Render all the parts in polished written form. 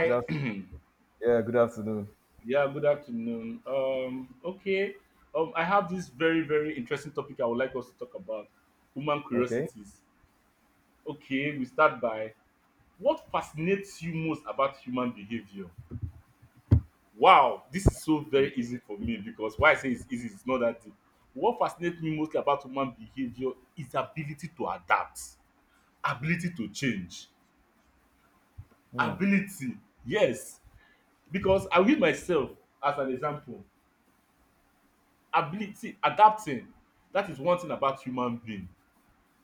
Good af- yeah, good afternoon. Yeah, good afternoon. Okay. I have this very, very interesting topic I would like us to talk about human Okay. curiosities. Okay, we start by what fascinates you most about human behavior? Wow, this is so very easy for me because why I say it's easy is not that deep. What fascinates me mostly about human behavior is ability to adapt, ability to change, Hmm. ability. Yes, because I will use myself as an example. Ability adapting, that is one thing about human being.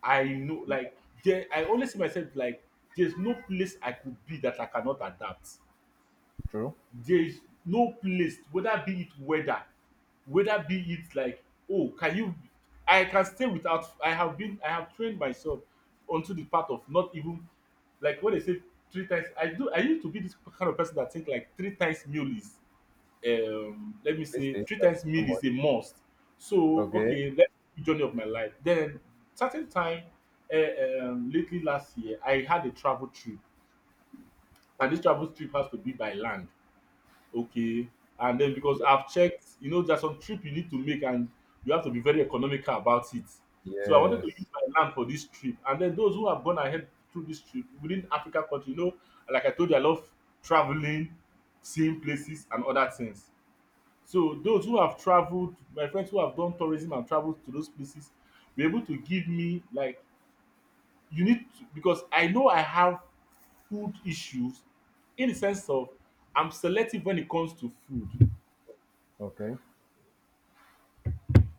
I know, like, there, I always see myself like there's no place I could be that I cannot adapt. True. There's no place, whether be it weather, whether be it like, oh, can you, I can stay without. I have been, I have trained myself onto the part of not even, like what they say, three times. I do, I used to be this kind of person that think like three times meal is, let me Please say, stay three sharp. times meal Come on. is a must. So, Okay. okay, let journey of my life. Then certain time, lately last year, I had a travel trip, and this travel trip has to be by land. Okay, and then because Yeah. I've checked, you know, there's some trip you need to make, and you have to be very economical about it. So I wanted to use Yes. my land for this trip, and then those who have gone ahead through this trip within Africa country, you know, like I told you, I love traveling, seeing places, and other things. So those who have traveled, my friends who have done tourism and traveled to those places were able to give me, like, you need to, because I know I have food issues, in the sense of, I'm selective when it comes to food. Okay.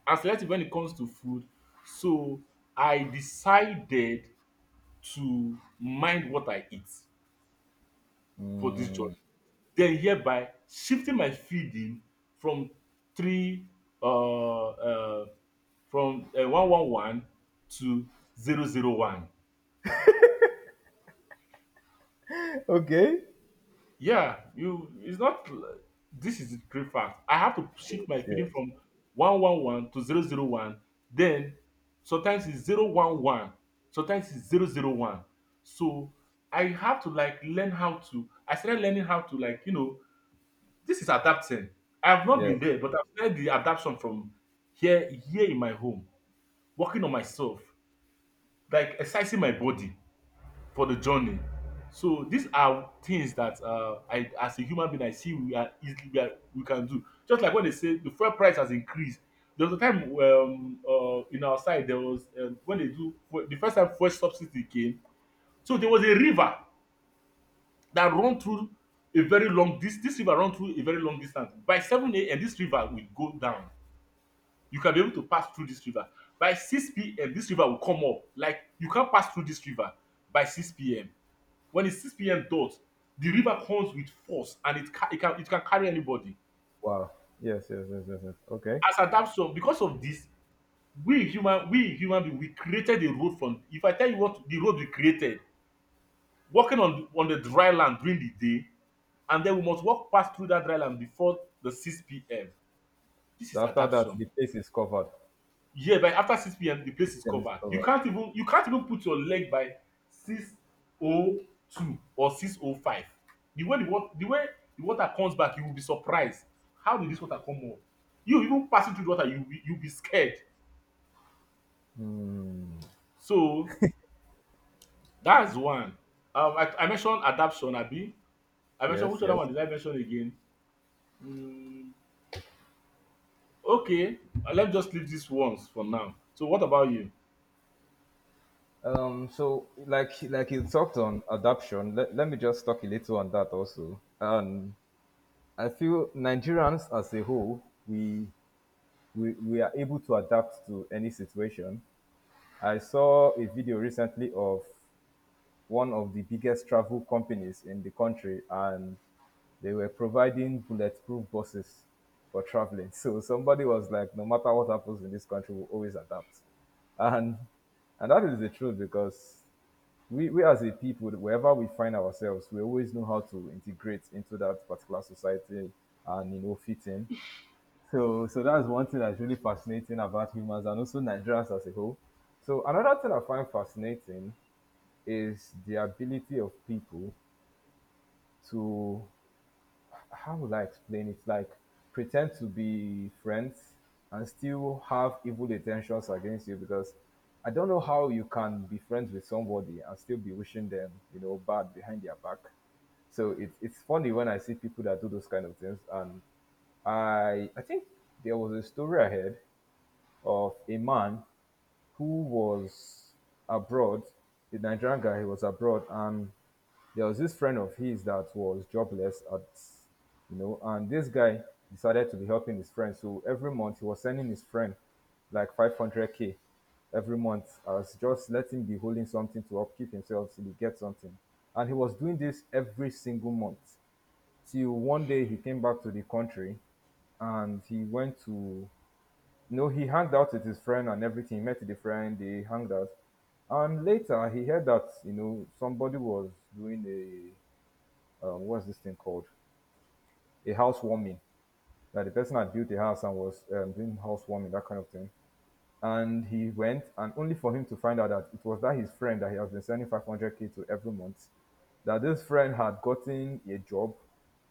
I'm selective when it comes to food. So I decided to mind what I eat for this journey, Hmm. then hereby shifting my feeding from three uh, uh, from 111 to 001. Okay. Yeah, you, it's not this is the great fact. I have to shift my Yes. feeding Yes. from 111 to 001, then sometimes it's 011, sometimes it's 001. So I have to, like, learn how to, I started learning how to, like, this is adapting. I've not been Yes. there, but I've felt the adaptation from here, in my home, working on myself, like exercising my body for the journey. So these are things that, I, as a human being, I see we are easily, we can do. Just like when they say the fuel price has increased. There was a time, in our side there was, when they do the first time fuel subsidy came, so there was a river that run through a very long, this river run through a very long distance. By 7 a.m. this river will go down, you can be able to pass through this river. By 6 p.m. this river will come up, like you can't pass through this river by 6 p.m. When it's 6 p.m. dot, the river comes with force, and it can carry anybody. Wow. Yes, yes. Yes. Yes. Yes. Okay. As at that, so because of this, we human being, we created a road from, if I tell you what the road we created, walking on the dry land during the day, and then we must walk past through that dry land before the 6 p.m. This So is after that, adaptation. the place is covered. Yeah, by after 6 p.m. the place is System is covered. You covered. can't even you can't even put your leg by 6:02 or 6:05. The way the water comes back, you will be surprised. How did this water come up? You even passing through the water, you will be, scared. Hmm. So that's one. I mentioned adaption, Abi. I mentioned, Yes. which other one Yes. did I mention again? Mm. Okay, let's just leave these ones for now. So, what about you? So, like you talked on adoption. Let me just talk a little on that also. I feel Nigerians as a whole, we are able to adapt to any situation. I saw a video recently of one of the biggest travel companies in the country, and they were providing bulletproof buses for traveling. So somebody was like, no matter what happens in this country, we'll always adapt. And and that is the truth because we as a people, wherever we find ourselves, we always know how to integrate into that particular society and fit in. So that's one thing that's really fascinating about humans and also Nigerians as a whole. So, another thing I find fascinating is the ability of people to, how would I explain it? Like, pretend to be friends and still have evil intentions against you because I don't know how you can be friends with somebody and still be wishing them bad behind their back. So it's funny when I see people that do those kind of things. And I think there was a story I heard of a man who was abroad, the Nigerian guy, he was abroad, and there was this friend of his that was jobless at and this guy decided to be helping his friend. So every month he was sending his friend like 500k every month as just let him be holding something to upkeep himself till he gets something. And he was doing this every single month till one day he came back to the country and he went to no, he hanged out with his friend and everything. He met the friend, they hanged out. And later he heard that somebody was doing what's this thing called? A housewarming. That the person had built a house and was doing housewarming, that kind of thing. And he went, and only for him to find out that it was that his friend that he has been sending 500k to every month that this friend had gotten a job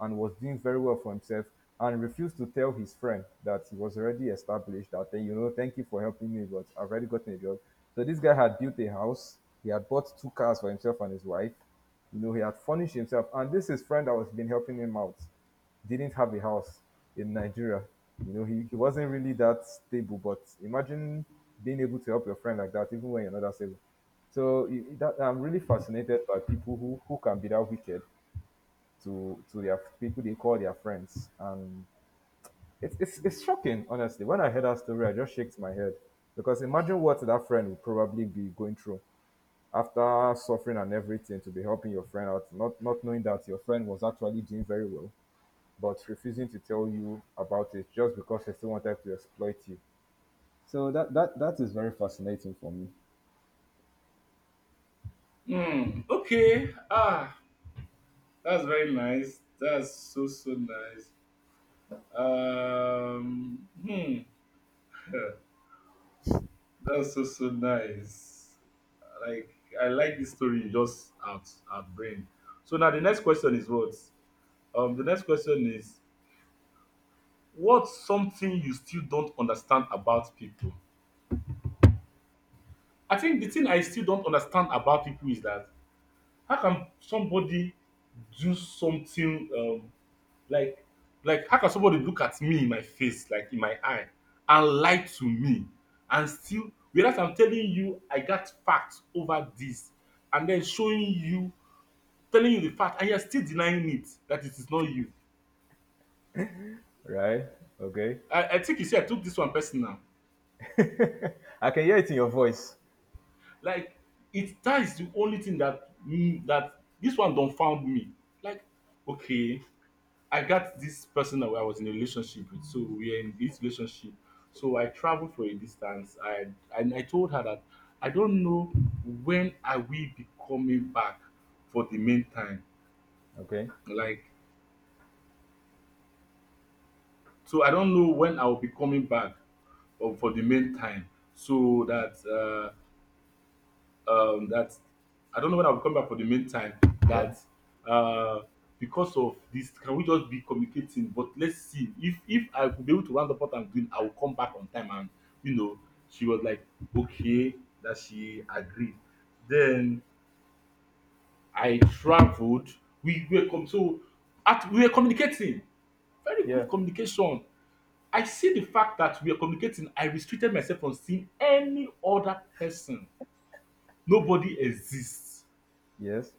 and was doing very well for himself and refused to tell his friend that he was already established that hey, thank you for helping me but I've already gotten a job. So this guy had built a house. He had bought two cars for himself and his wife. You know he had furnished himself, and this his friend that was been helping him out didn't have a house in Nigeria. You know He wasn't really that stable, but imagine being able to help your friend like that even when you're not that stable. So I'm really fascinated by people who can be that wicked to their people they call their friends, and it's shocking, honestly. When I heard that story, I just shook my head because imagine what that friend would probably be going through after suffering and everything to be helping your friend out, not knowing that your friend was actually doing very well, but refusing to tell you about it just because they still wanted to exploit you. So that is very fascinating for me, Hmm. Okay. Ah, that's very nice. That's so, so nice. Hmm. That's so, so nice. Like, I like this story you just out brain. So now the next question is what? The next question is, what's something you still don't understand about people? I think the thing I still don't understand about people is that, how can somebody do something, like, how can somebody look at me in my face, like in my eye, and lie to me, and still, whereas I'm telling you I got facts over this, and then showing you, telling you the fact, and you're still denying it that it is not you. right? Okay, I think, you see, I took this one personal. I can hear it in your voice. Like, it, that is the only thing that this one don't found me. Like, okay, I got this person that I was in a relationship with. So we are in this relationship. So I traveled for a distance. I told her that I don't know when I will be coming back for the main time. Okay. Like, so I don't know when I will be coming back, or for the main time. So that, that I don't know when I'll come back for the meantime. Yeah, That, uh, because of this, can we just be communicating? But let's see, if I could be able to round up what I'm doing, I will come back on time. And, you know, she was like, okay, that she agreed. Then I traveled. So, at, we were communicating. Very yeah, good communication. I see the fact that we are communicating. I restricted myself from seeing any other person. Nobody exists. yes,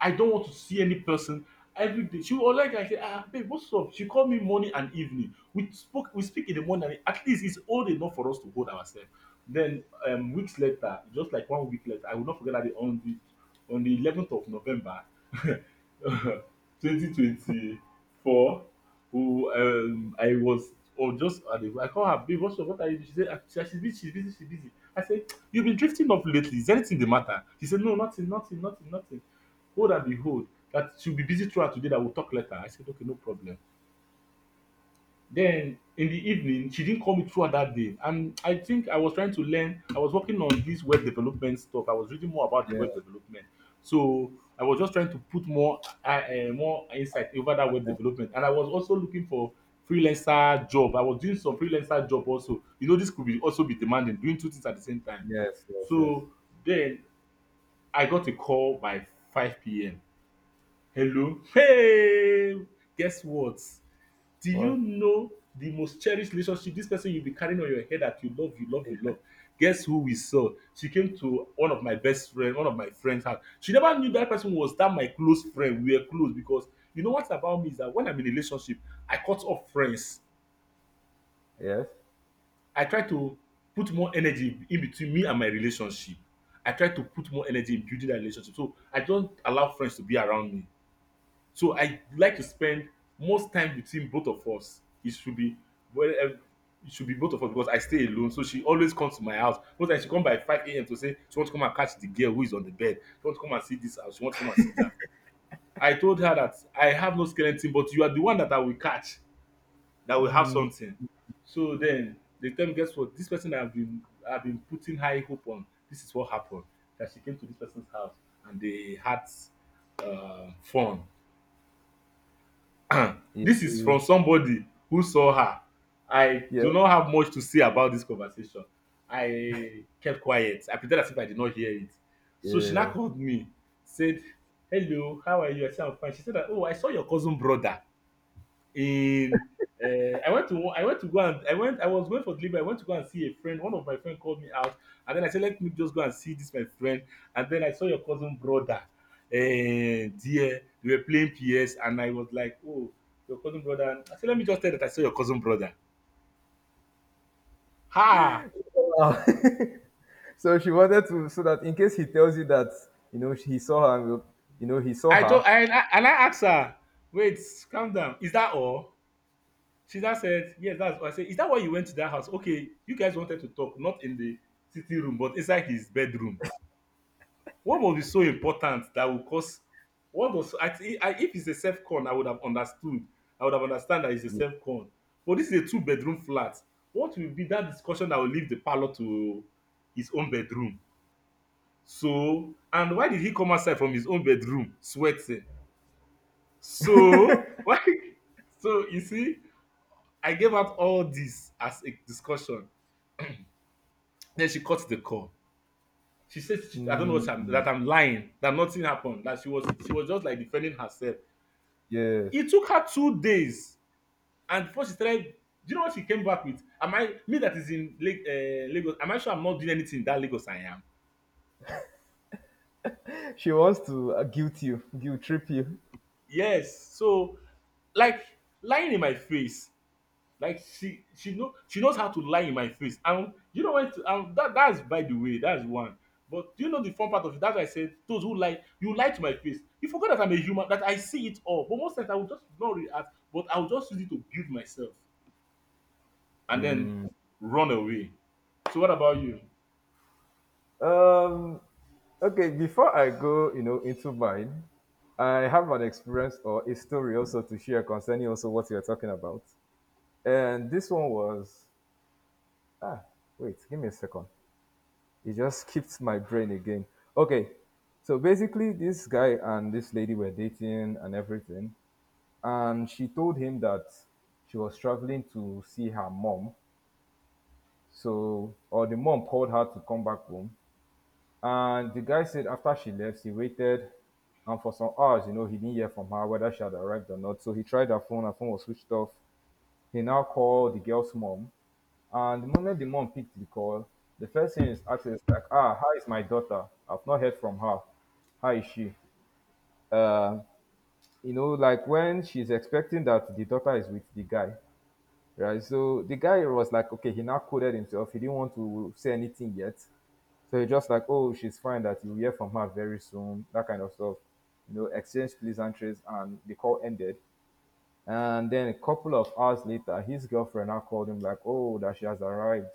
I don't want to see any person every day. She will, like, I say, ah, babe, what's up? She called me morning and evening. We speak in the morning. And at least it's old enough for us to hold ourselves. Then, weeks later, just like one week later, I will not forget that day, on the 11th of November, 2024, who, I was, or just at the, I call her, babe, what's up? What are you? She said, "Ah, she's busy, she's busy, she's busy." I said, you've been drifting off lately, is anything the matter? She said, no, nothing, nothing, nothing, nothing. Lo and behold, that she'll be busy throughout today, that we'll talk later. I said, okay, no problem. Then in the evening, she didn't call me throughout that day. And I think I was trying to learn, I was working on this web development stuff. I was reading more about yeah, web development. So I was just trying to put more insight over that I web think, development. And I was also looking for freelancer job. I was doing some freelancer job also. You know, this could be also be demanding, doing two things at the same time. yes, yes, yes. So then I got a call by 5 p.m. Hello. Hey, guess what? Do you What? know the most cherished relationship? This person you'll be carrying on your head that you love, you love, you love. Guess who we saw? She came to one of my best friend, one of my friends' house. She never knew that person was that my close friend. We were close because, you know, what about me is that when I'm in a relationship, I cut off friends. Yes. I try to put more energy in between me and my relationship. I try to put more energy in building that relationship. So I don't allow friends to be around me. So I like to spend most time between both of us. It should be, well, it should be both of us, because I stay alone. So she always comes to my house. Most times she come by 5 a.m. to say she wants to come and catch the girl who is on the bed. She wants to come and see this house. She wants to come and see that. I told her that I have no skeleton, but you are the one that I will catch that will have Mm, something. So then they tell me, guess what? This person I've been putting high hope on. This is what happened. That she came to this person's house, and they had fun. This is yeah, from somebody who saw her. I yeah, do not have much to say about this conversation. I kept quiet. I pretended as if I did not hear it. So she now yeah. called me, said, hello, how are you? I said, I'm fine. She said, that, oh, I saw your cousin brother in, I went to, go and, I was going for delivery. I went to go and see a friend. One of my friend called me out, and then I said, "Let me just go and see this my friend." And then I saw your cousin brother. Dear, they were playing PS, and I was like, "Oh, your cousin brother." I said, "Let me just tell that I saw your cousin brother." Ha! Wow. So that in case he tells you that he saw her, and he saw I her. told and I asked her, "Wait, calm down. Is that all?" She just said, "Yes, that's." All. I said, "Is that why you went to that house?" Okay, you guys wanted to talk, not in the sitting room, but inside his bedroom. What was be so important that will cause what was I, I if it's a self con I would have understood. I would have understand that it's a Yeah. self con. But this is a two-bedroom flat. What will be that discussion that will leave the parlor to his own bedroom? So and why did he come outside from his own bedroom sweating? So why so you see, I gave out all this as a discussion. Then she cut the call. She said, "I don't know what Mm, I'm, that I'm lying. That nothing happened. That she was just like defending herself." yes. It took her 2 days, and before she started, do you know what she came back with? Am I me that is in Lagos? Am I sure I'm not doing anything in that Lagos? I am. She wants to guilt trip you. Yes. So, like lying in my face, like she knows how to lie in my face. And you know what? That's by the way, that's one. But do you know the fun part of it? That's why I said those who lie, you lie to my face. You forgot that I'm a human, that I see it all. But most times I will just not react, but I'll just use it to build myself and then run away. So what about you? Um. Okay. Before I go into mine, I have an experience or a story also to share concerning also what you're talking about. And this one was Ah, wait, give me a second. It just skipped my brain again. Okay, so basically, this guy and this lady were dating and everything, and she told him that she was traveling to see her mom. Or the mom called her to come back home, and the guy said after she left, he waited, and for some hours he didn't hear from her whether she had arrived or not. So he tried her phone was switched off. He now called the girl's mom, and the moment the mom picked the call, the first thing is asked is like, ah, how is my daughter? I've not heard from her. How is she? Uh, like when she's expecting that the daughter is with the guy, right? So the guy was like, okay, he now coded himself. He didn't want to say anything yet. So he just like, oh, she's fine. That you'll hear from her very soon. That kind of stuff. You know, exchange pleasantries, and the call ended. And then a couple of hours later, his girlfriend now called him like, "Oh, that she has arrived,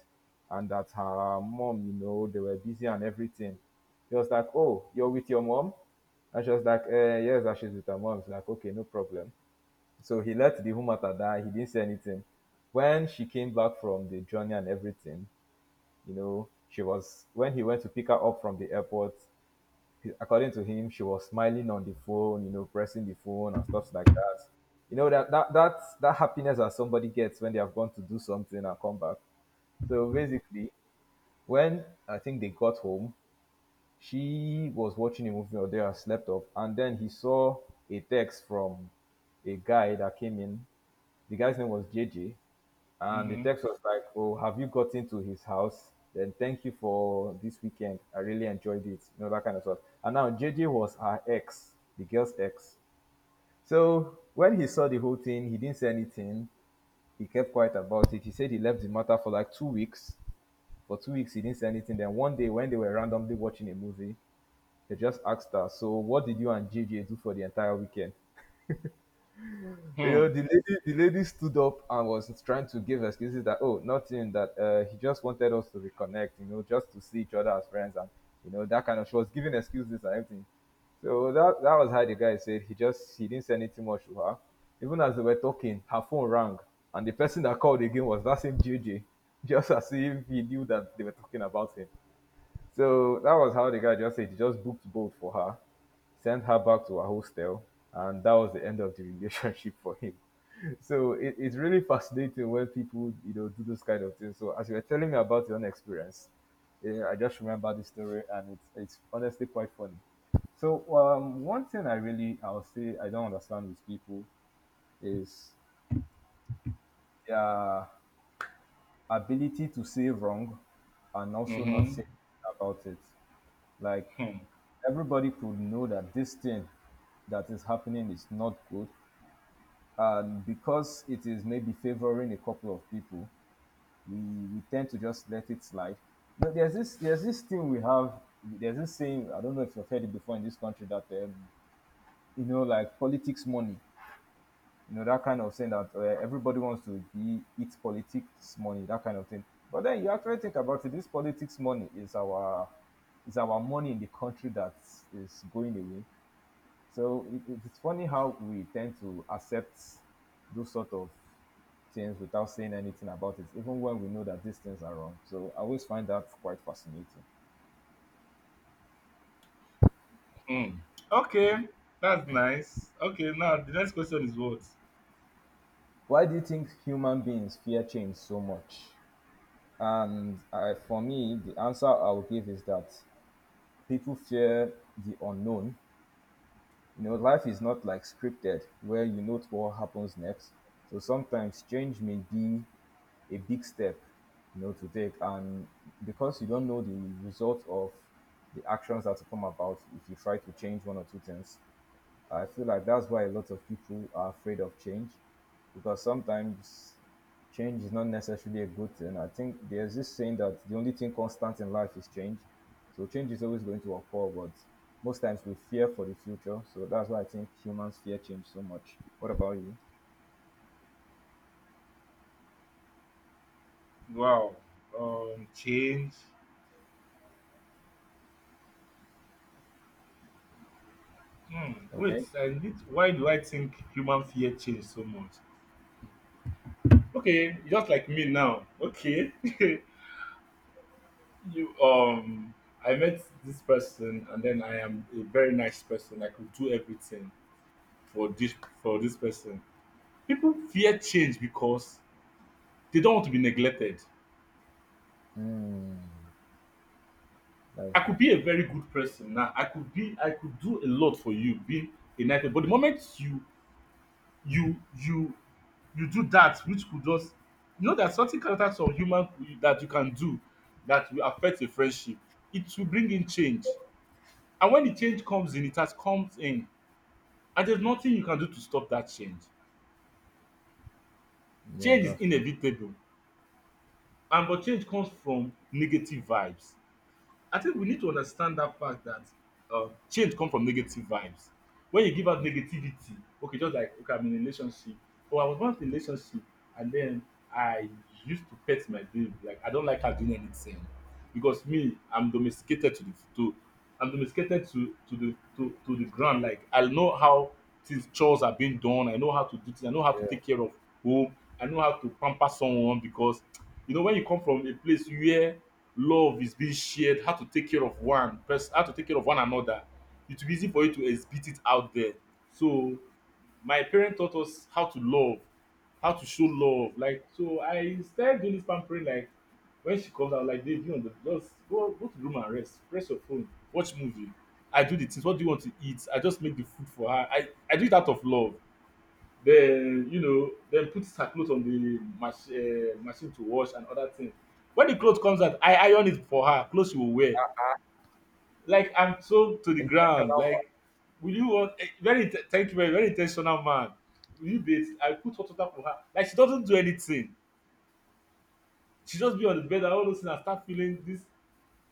and that her mom they were busy and everything." He was like, "Oh, you're with your mom?" And she was like, "Yes, that she's with her mom." He's like, "Okay, no problem." So he let the woman at that. He didn't say anything. When she came back from the journey and everything she was when he went to pick her up from the airport, according to him, she was smiling on the phone pressing the phone and stuff like that. You know that happiness that somebody gets when they have gone to do something and come back. So basically, when I think they got home, she was watching a movie or they had slept off, and then he saw a text from a guy that came in. The guy's name was JJ, and the Mhm. text was like, "Oh, have you gotten to his house? Then thank you for this weekend. I really enjoyed it. You know that kind of stuff." And now JJ was her ex, the girl's ex. So when he saw the whole thing, he didn't say anything. He kept quiet about it. He said he left the matter for like 2 weeks. For 2 weeks, he didn't say anything. Then one day, when they were randomly watching a movie, they just asked her, "So what did you and JJ do for the entire weekend?" Hmm. The lady stood up and was trying to give excuses that oh nothing that he just wanted us to reconnect just to see each other as friends and that kind of she was giving excuses and everything. So that was how the guy said he didn't say anything much to her even as they were talking her phone rang and the person that called again was that same JJ just as if he knew that they were talking about him. So that was how the guy just said he just booked boat for her, sent her back to her hostel, and that was the end of the relationship for him. So it's really fascinating when people do those kind of things. So as you were telling me about your own experience, I just remember the story, and it's honestly quite funny. So one thing I'll say I don't understand with people is their ability to say wrong and also not Mhm. say about it. Like Hmm. everybody could know that this thing that is happening is not good. And because it is maybe favoring a couple of people, we, we tend to just let it slide. No, there's this thing we have. There's this saying I don't know if you've heard it before in this country that like politics money. You know that kind of thing that everybody wants to be eat politics money that kind of thing. But then you actually think about it. This politics money is our money in the country that is going away. So it's funny how we tend to accept those sort of things without saying anything about it, even when we know that these things are wrong. So I always find that quite fascinating. Hmm. Okay, that's nice. Okay, now the next question is what? Why do you think human beings fear change so much? And for me, the answer I'll give is that people fear the unknown. You know, life is not like scripted where you note what happens next. So sometimes change may be a big step to take. And because you don't know the result of the actions that will come about if you try to change one or two things, I feel like that's why a lot of people are afraid of change because sometimes change is not necessarily a good thing. I think there's this saying that the only thing constant in life is change. So change is always going to occur, but most times we fear for the future. So that's why I think humans fear change so much. What about you? Wow. Change. Hmm. Wait, Okay. I need. Why do I think human fear change so much? Okay, just like me now. Okay, you I met this person, and then I am a very nice person. I could do everything for this for this person. People fear change because they don't want to be neglected. That's I deep. could be a very good person now. I could do a lot for you, be a nice person. But the moment you you you do that which could just, you know, there are certain characters of human that you can do that will affect a friendship. It will bring in change. And when the change comes in, it has comes in. And there's nothing you can do to stop that change. Yeah, Change is that's true. inevitable. And but change comes from negative vibes. I think we need to understand that fact that change come from negative vibes. When you give out negativity, okay, just like okay, I'm in a relationship. Oh, I was once in a relationship, and then I used to pet my babe. Like I don't like her doing anything because me, I'm domesticated to the to, I'm domesticated to the ground. Like I know how things chores are being done. I know how to do things. I know how to Yeah. take care of home. I know how to pamper someone because when you come from a place where love is being shared, how to take care of one person, how to take care of one another, it will be easy for you to exhibit it out there. So my parent taught us how to love, how to show love. Like so, I started doing this pampering. Like when she comes out, like babe, you on the just go go to the room and rest, press your phone, watch movie. I do the things. What do you want to eat? I just make the food for her. I do it out of love. Then, then put her clothes on the machine to wash and other things. When the clothes comes out, I iron it for her. Clothes she will wear. Like I'm so to the ground. Intentional one. Like, will you want very thank you very very intentional man? Will you be? I put hot water for her. Like she doesn't do anything. She just be on the bed and all those things and start feeling this.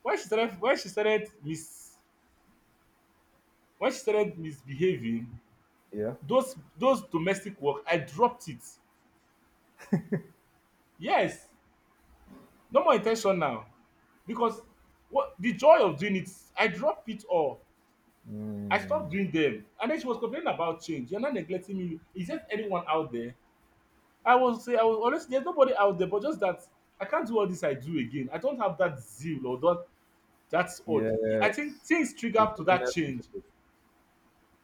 When she started, when she started mis, when she started misbehaving, Yeah. those domestic work, I dropped it. Yes, no more intentional because what the joy of doing it, I dropped it all. I Mm. stopped doing them. And then she was complaining about change. You're not neglecting me. Is there anyone out there? I was honestly there's nobody out there, but just that I can't do all this I do again. I don't have that zeal or that, that's odd. Yeah. I think things trigger The up to that willingness to do change. it.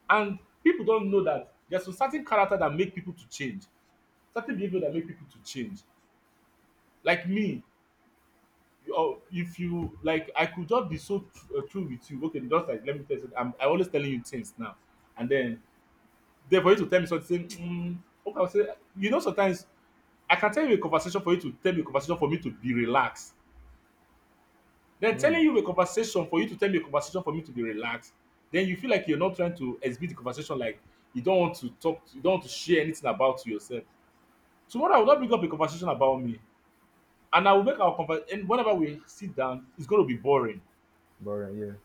And people don't know that there's a certain character that make people to change, certain behavior that make people to change. Like me, or if you like, I could just be so true with you, okay just like let me tell you something, I always telling you things now, and then for you to tell me something, okay I'll say, sometimes I can tell you a conversation for you to tell me a conversation for me to be relaxed, then telling Mm. you a conversation for you to tell me a conversation for me to be relaxed, then you feel like you're not trying to exhibit the conversation, like you don't want to talk, you don't want to share anything about yourself. Tomorrow I will not bring up a conversation about me, and I will make our conversation, and whenever we sit down it's going to be boring. Boring. Yeah.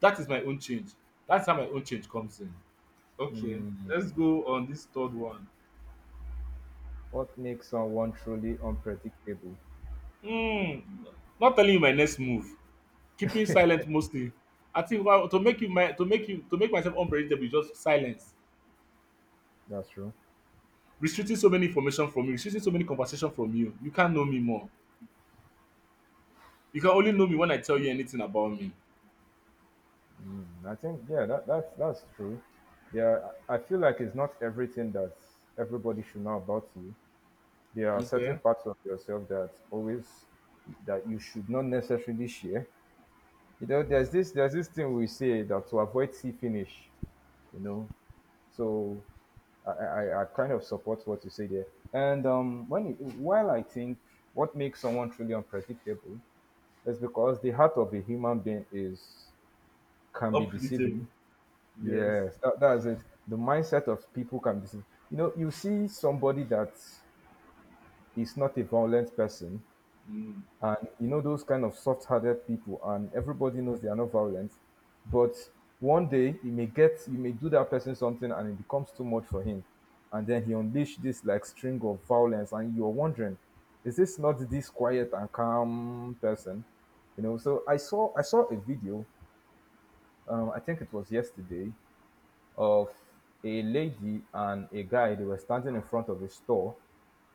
That is my own change. That's how my own change comes in. Okay, Mm. let's go on this third one. What makes someone truly unpredictable? Mm, Not telling you my next move. Keeping silent mostly. I think well, to make you my to make you to make myself unpredictable is just silence. That's true. Restricting so many information from you, restricting so many conversation from you. You can't know me more. You can only know me when I tell you anything about me. Mm, I think, yeah, that's that's true. I feel like it's not everything that everybody should know about you. There are certain Okay. parts of yourself that always that you should not necessarily share. You know, there's this thing we say that to avoid see finish. You know, so I kind of support what you say there. And when it, while I think what makes someone truly unpredictable, it's because the heart of a human being is can be Unpredictable. deceiving. Yes. Yes, that's it. The mindset of people can be deceiving. You know, you see somebody that is not a violent person, Mm. and you know those kind of soft-hearted people, and everybody knows they are not violent, but one day you may get you may do that person something and it becomes too much for him, and then he unleashed this like string of violence, and you're wondering, is this not this quiet and calm person? You know, so I saw a video, I think it was yesterday, of a lady and a guy. They were standing in front of a store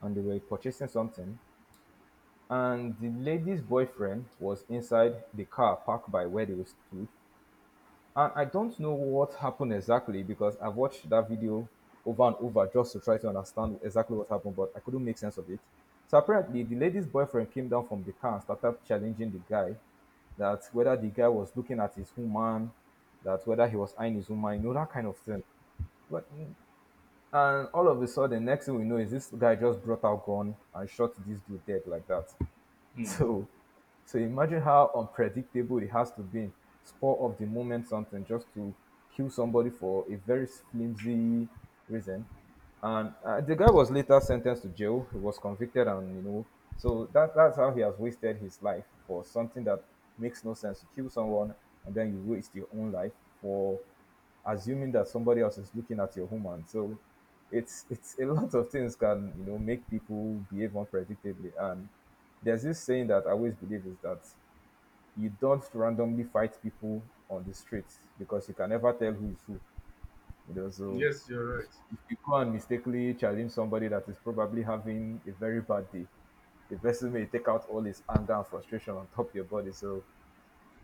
and they were purchasing something. And the lady's boyfriend was inside the car parked by where they stood. And I don't know what happened exactly because I've watched that video over and over just to try to understand exactly what happened, but I couldn't make sense of it. So apparently, the lady's boyfriend came down from the car and started challenging the guy, that whether the guy was looking at his woman, that whether he was eyeing his woman, you know, that kind of thing. But and all of a sudden, next thing we know is this guy just brought out gun and shot this dude dead like that. Mm. So, so imagine how unpredictable it has to be. Spur of the moment, something just to kill somebody for a very flimsy reason. And the guy was later sentenced to jail. He was convicted, and you know, so that that's how he has wasted his life for something that makes no sense. You kill someone, and then you waste your own life for assuming that somebody else is looking at your woman. So it's a lot of things can, you know, make people behave unpredictably. And there's this saying that I always believe is that you don't randomly fight people on the streets because you can never tell who is who. You know, so Yes, you're right. if you go and mistakenly challenge somebody that is probably having a very bad day, the person may take out all his anger and frustration on top of your body. So,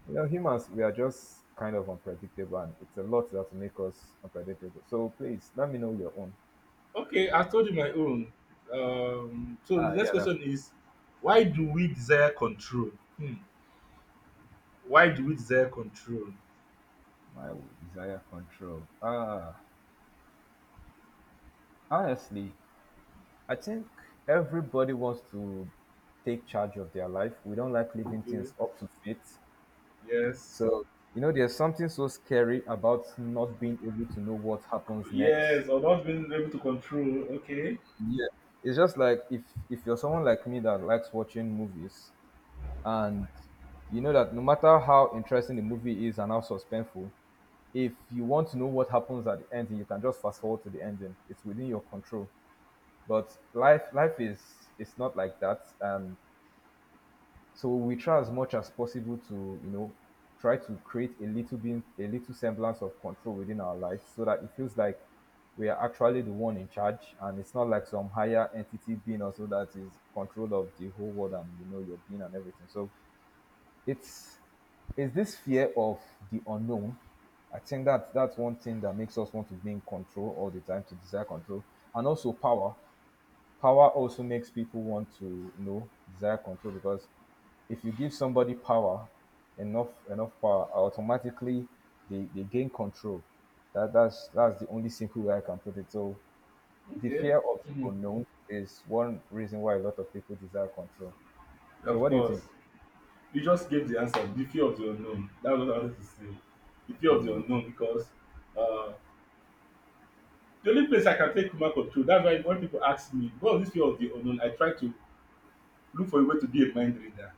you know, humans, we are just kind of unpredictable, and it's a lot that make us unpredictable. So please let me know your own. Okay, I told you my own. So the Ah, next yeah, that's question is, why do we desire control? Hmm. Why do we desire control? my desire control. Ah, honestly, I think everybody wants to take charge of their life. We don't like leaving Okay. things up to fate. Yes. So, you know, there's something so scary about not being able to know what happens next. Yes, or not being able to control. Okay. Yeah. It's just like if you're someone like me that likes watching movies, and you know that no matter how interesting the movie is and how suspenseful, if you want to know what happens at the ending, you can just fast forward to the ending. It's within your control. But life is it's not like that. And so we try as much as possible to, you know, try to create a little bit a little semblance of control within our lives so that it feels like we are actually the one in charge and it's not like some higher entity being also that is control of the whole world, and you know, your being and everything. So it's it's this fear of the unknown. I think that that's one thing that makes us want to be in control all the time, to desire control, and also power. Power also makes people want to, you know, desire control because if you give somebody power, enough power, automatically they gain control. That that's the only simple way I can put it. So the Okay. fear of Mhm. unknown is one reason why a lot of people desire control. So Of what do you think? course. You just gave the answer. The fear of the unknown. That's what I wanted to say. The fear of the unknown because uh, the only place I can take human control. That's why when people ask me, what is this fear of the unknown? I try to look for a way to be a mind reader.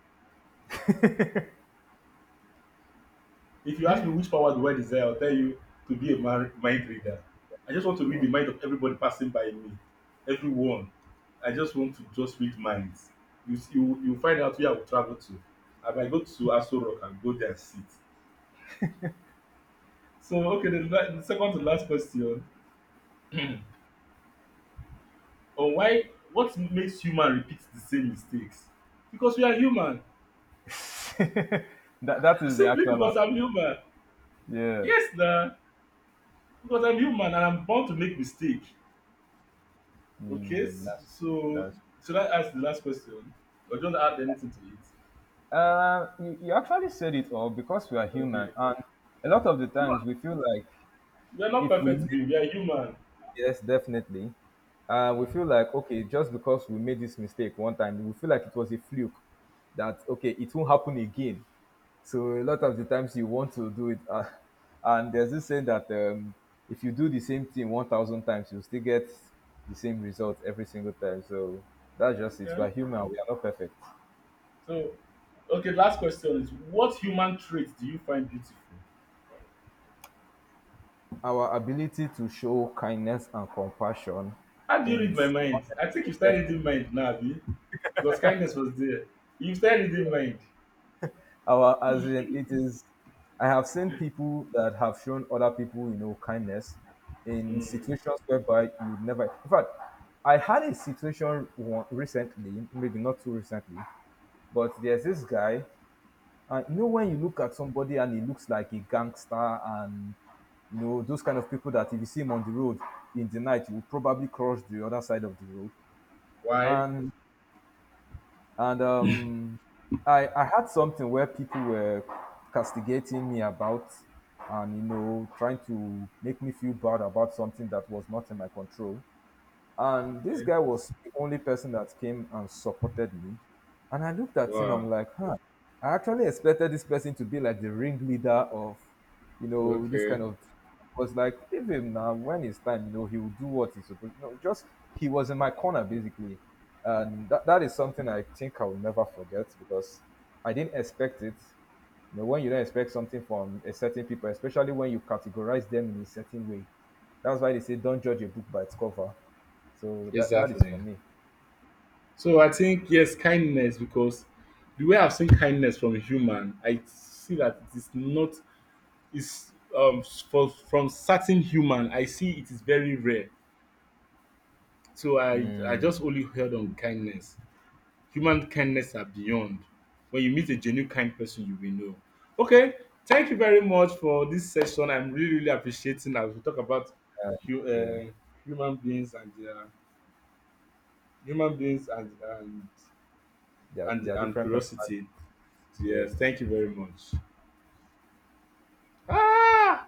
If you ask me which power do I desire, I'll tell you to be a mind reader. I just want to read the mind of everybody passing by me, everyone. I just want to just read minds. You s- you find out where I will travel to. I might go to Aso Rock and go there and sit. So okay, the second to last question, on why what makes human repeat the same mistakes? Because we are human. that that is the Simply actual because I'm human. yeah, Yes, nah. Because I'm human and I'm bound to make mistake. Okay, mm, s- that's so that's. should I ask the last question? Or do not add anything to it? You, you actually said it all because we are Okay. human, and a lot of the No, times we feel like we are not if we make, perfect beings, we are human. yes, definitely, we feel like okay, just because we made this mistake one time, we feel like it was a fluke, that okay, it won't happen again. So a lot of the times you want to do it, and there's this saying that if you do the same thing 1,000 times, you still get the same result every single time. So that's just it. We Okay. are human. We are not perfect. So, okay, last question is what human traits do you find beautiful? Our ability to show kindness and compassion How do you in read my mind? I think you started reading mind now, Abi. Because kindness was there. You started reading mind. our as in it is I have seen people that have shown other people, you know, kindness in Mm. situations whereby you would never, in fact, I had a situation one recently, maybe not too recently, but there's this guy and you know when you look at somebody and he looks like a gangster and you know those kind of people that if you see him on the road in the night you will probably cross the other side of the road Why? and and um, I had something where people were castigating me about, and you know, trying to make me feel bad about something that was not in my control. And this Okay. guy was the only person that came and supported me. And I looked at him, Wow. I'm like, huh, I actually expected this person to be like the ringleader of, you know, this kind Okay. of. I was like, leave him now. When it's time, you know, he will do what he's supposed. You know, just he was in my corner basically, and that, that is something I think I will never forget because I didn't expect it. You know, when you don't expect something from a certain people, especially when you categorize them in a certain way, that's why they say don't judge a book by its cover, so that that is for Exactly. me. So I think yes, kindness because the way I've seen kindness from a human, I see that it is not is from certain human. I see it is very rare. So I Mm. I just only heard on kindness. Human kindness are beyond. When you meet a genuine kind person, you will know. Okay, thank you very much for this session. I'm really really appreciating as we talk about Uh, hu- yeah, uh, human beings and their human beings and there are and different personalities. curiosity. Yes. Yes, thank you very much. Ah!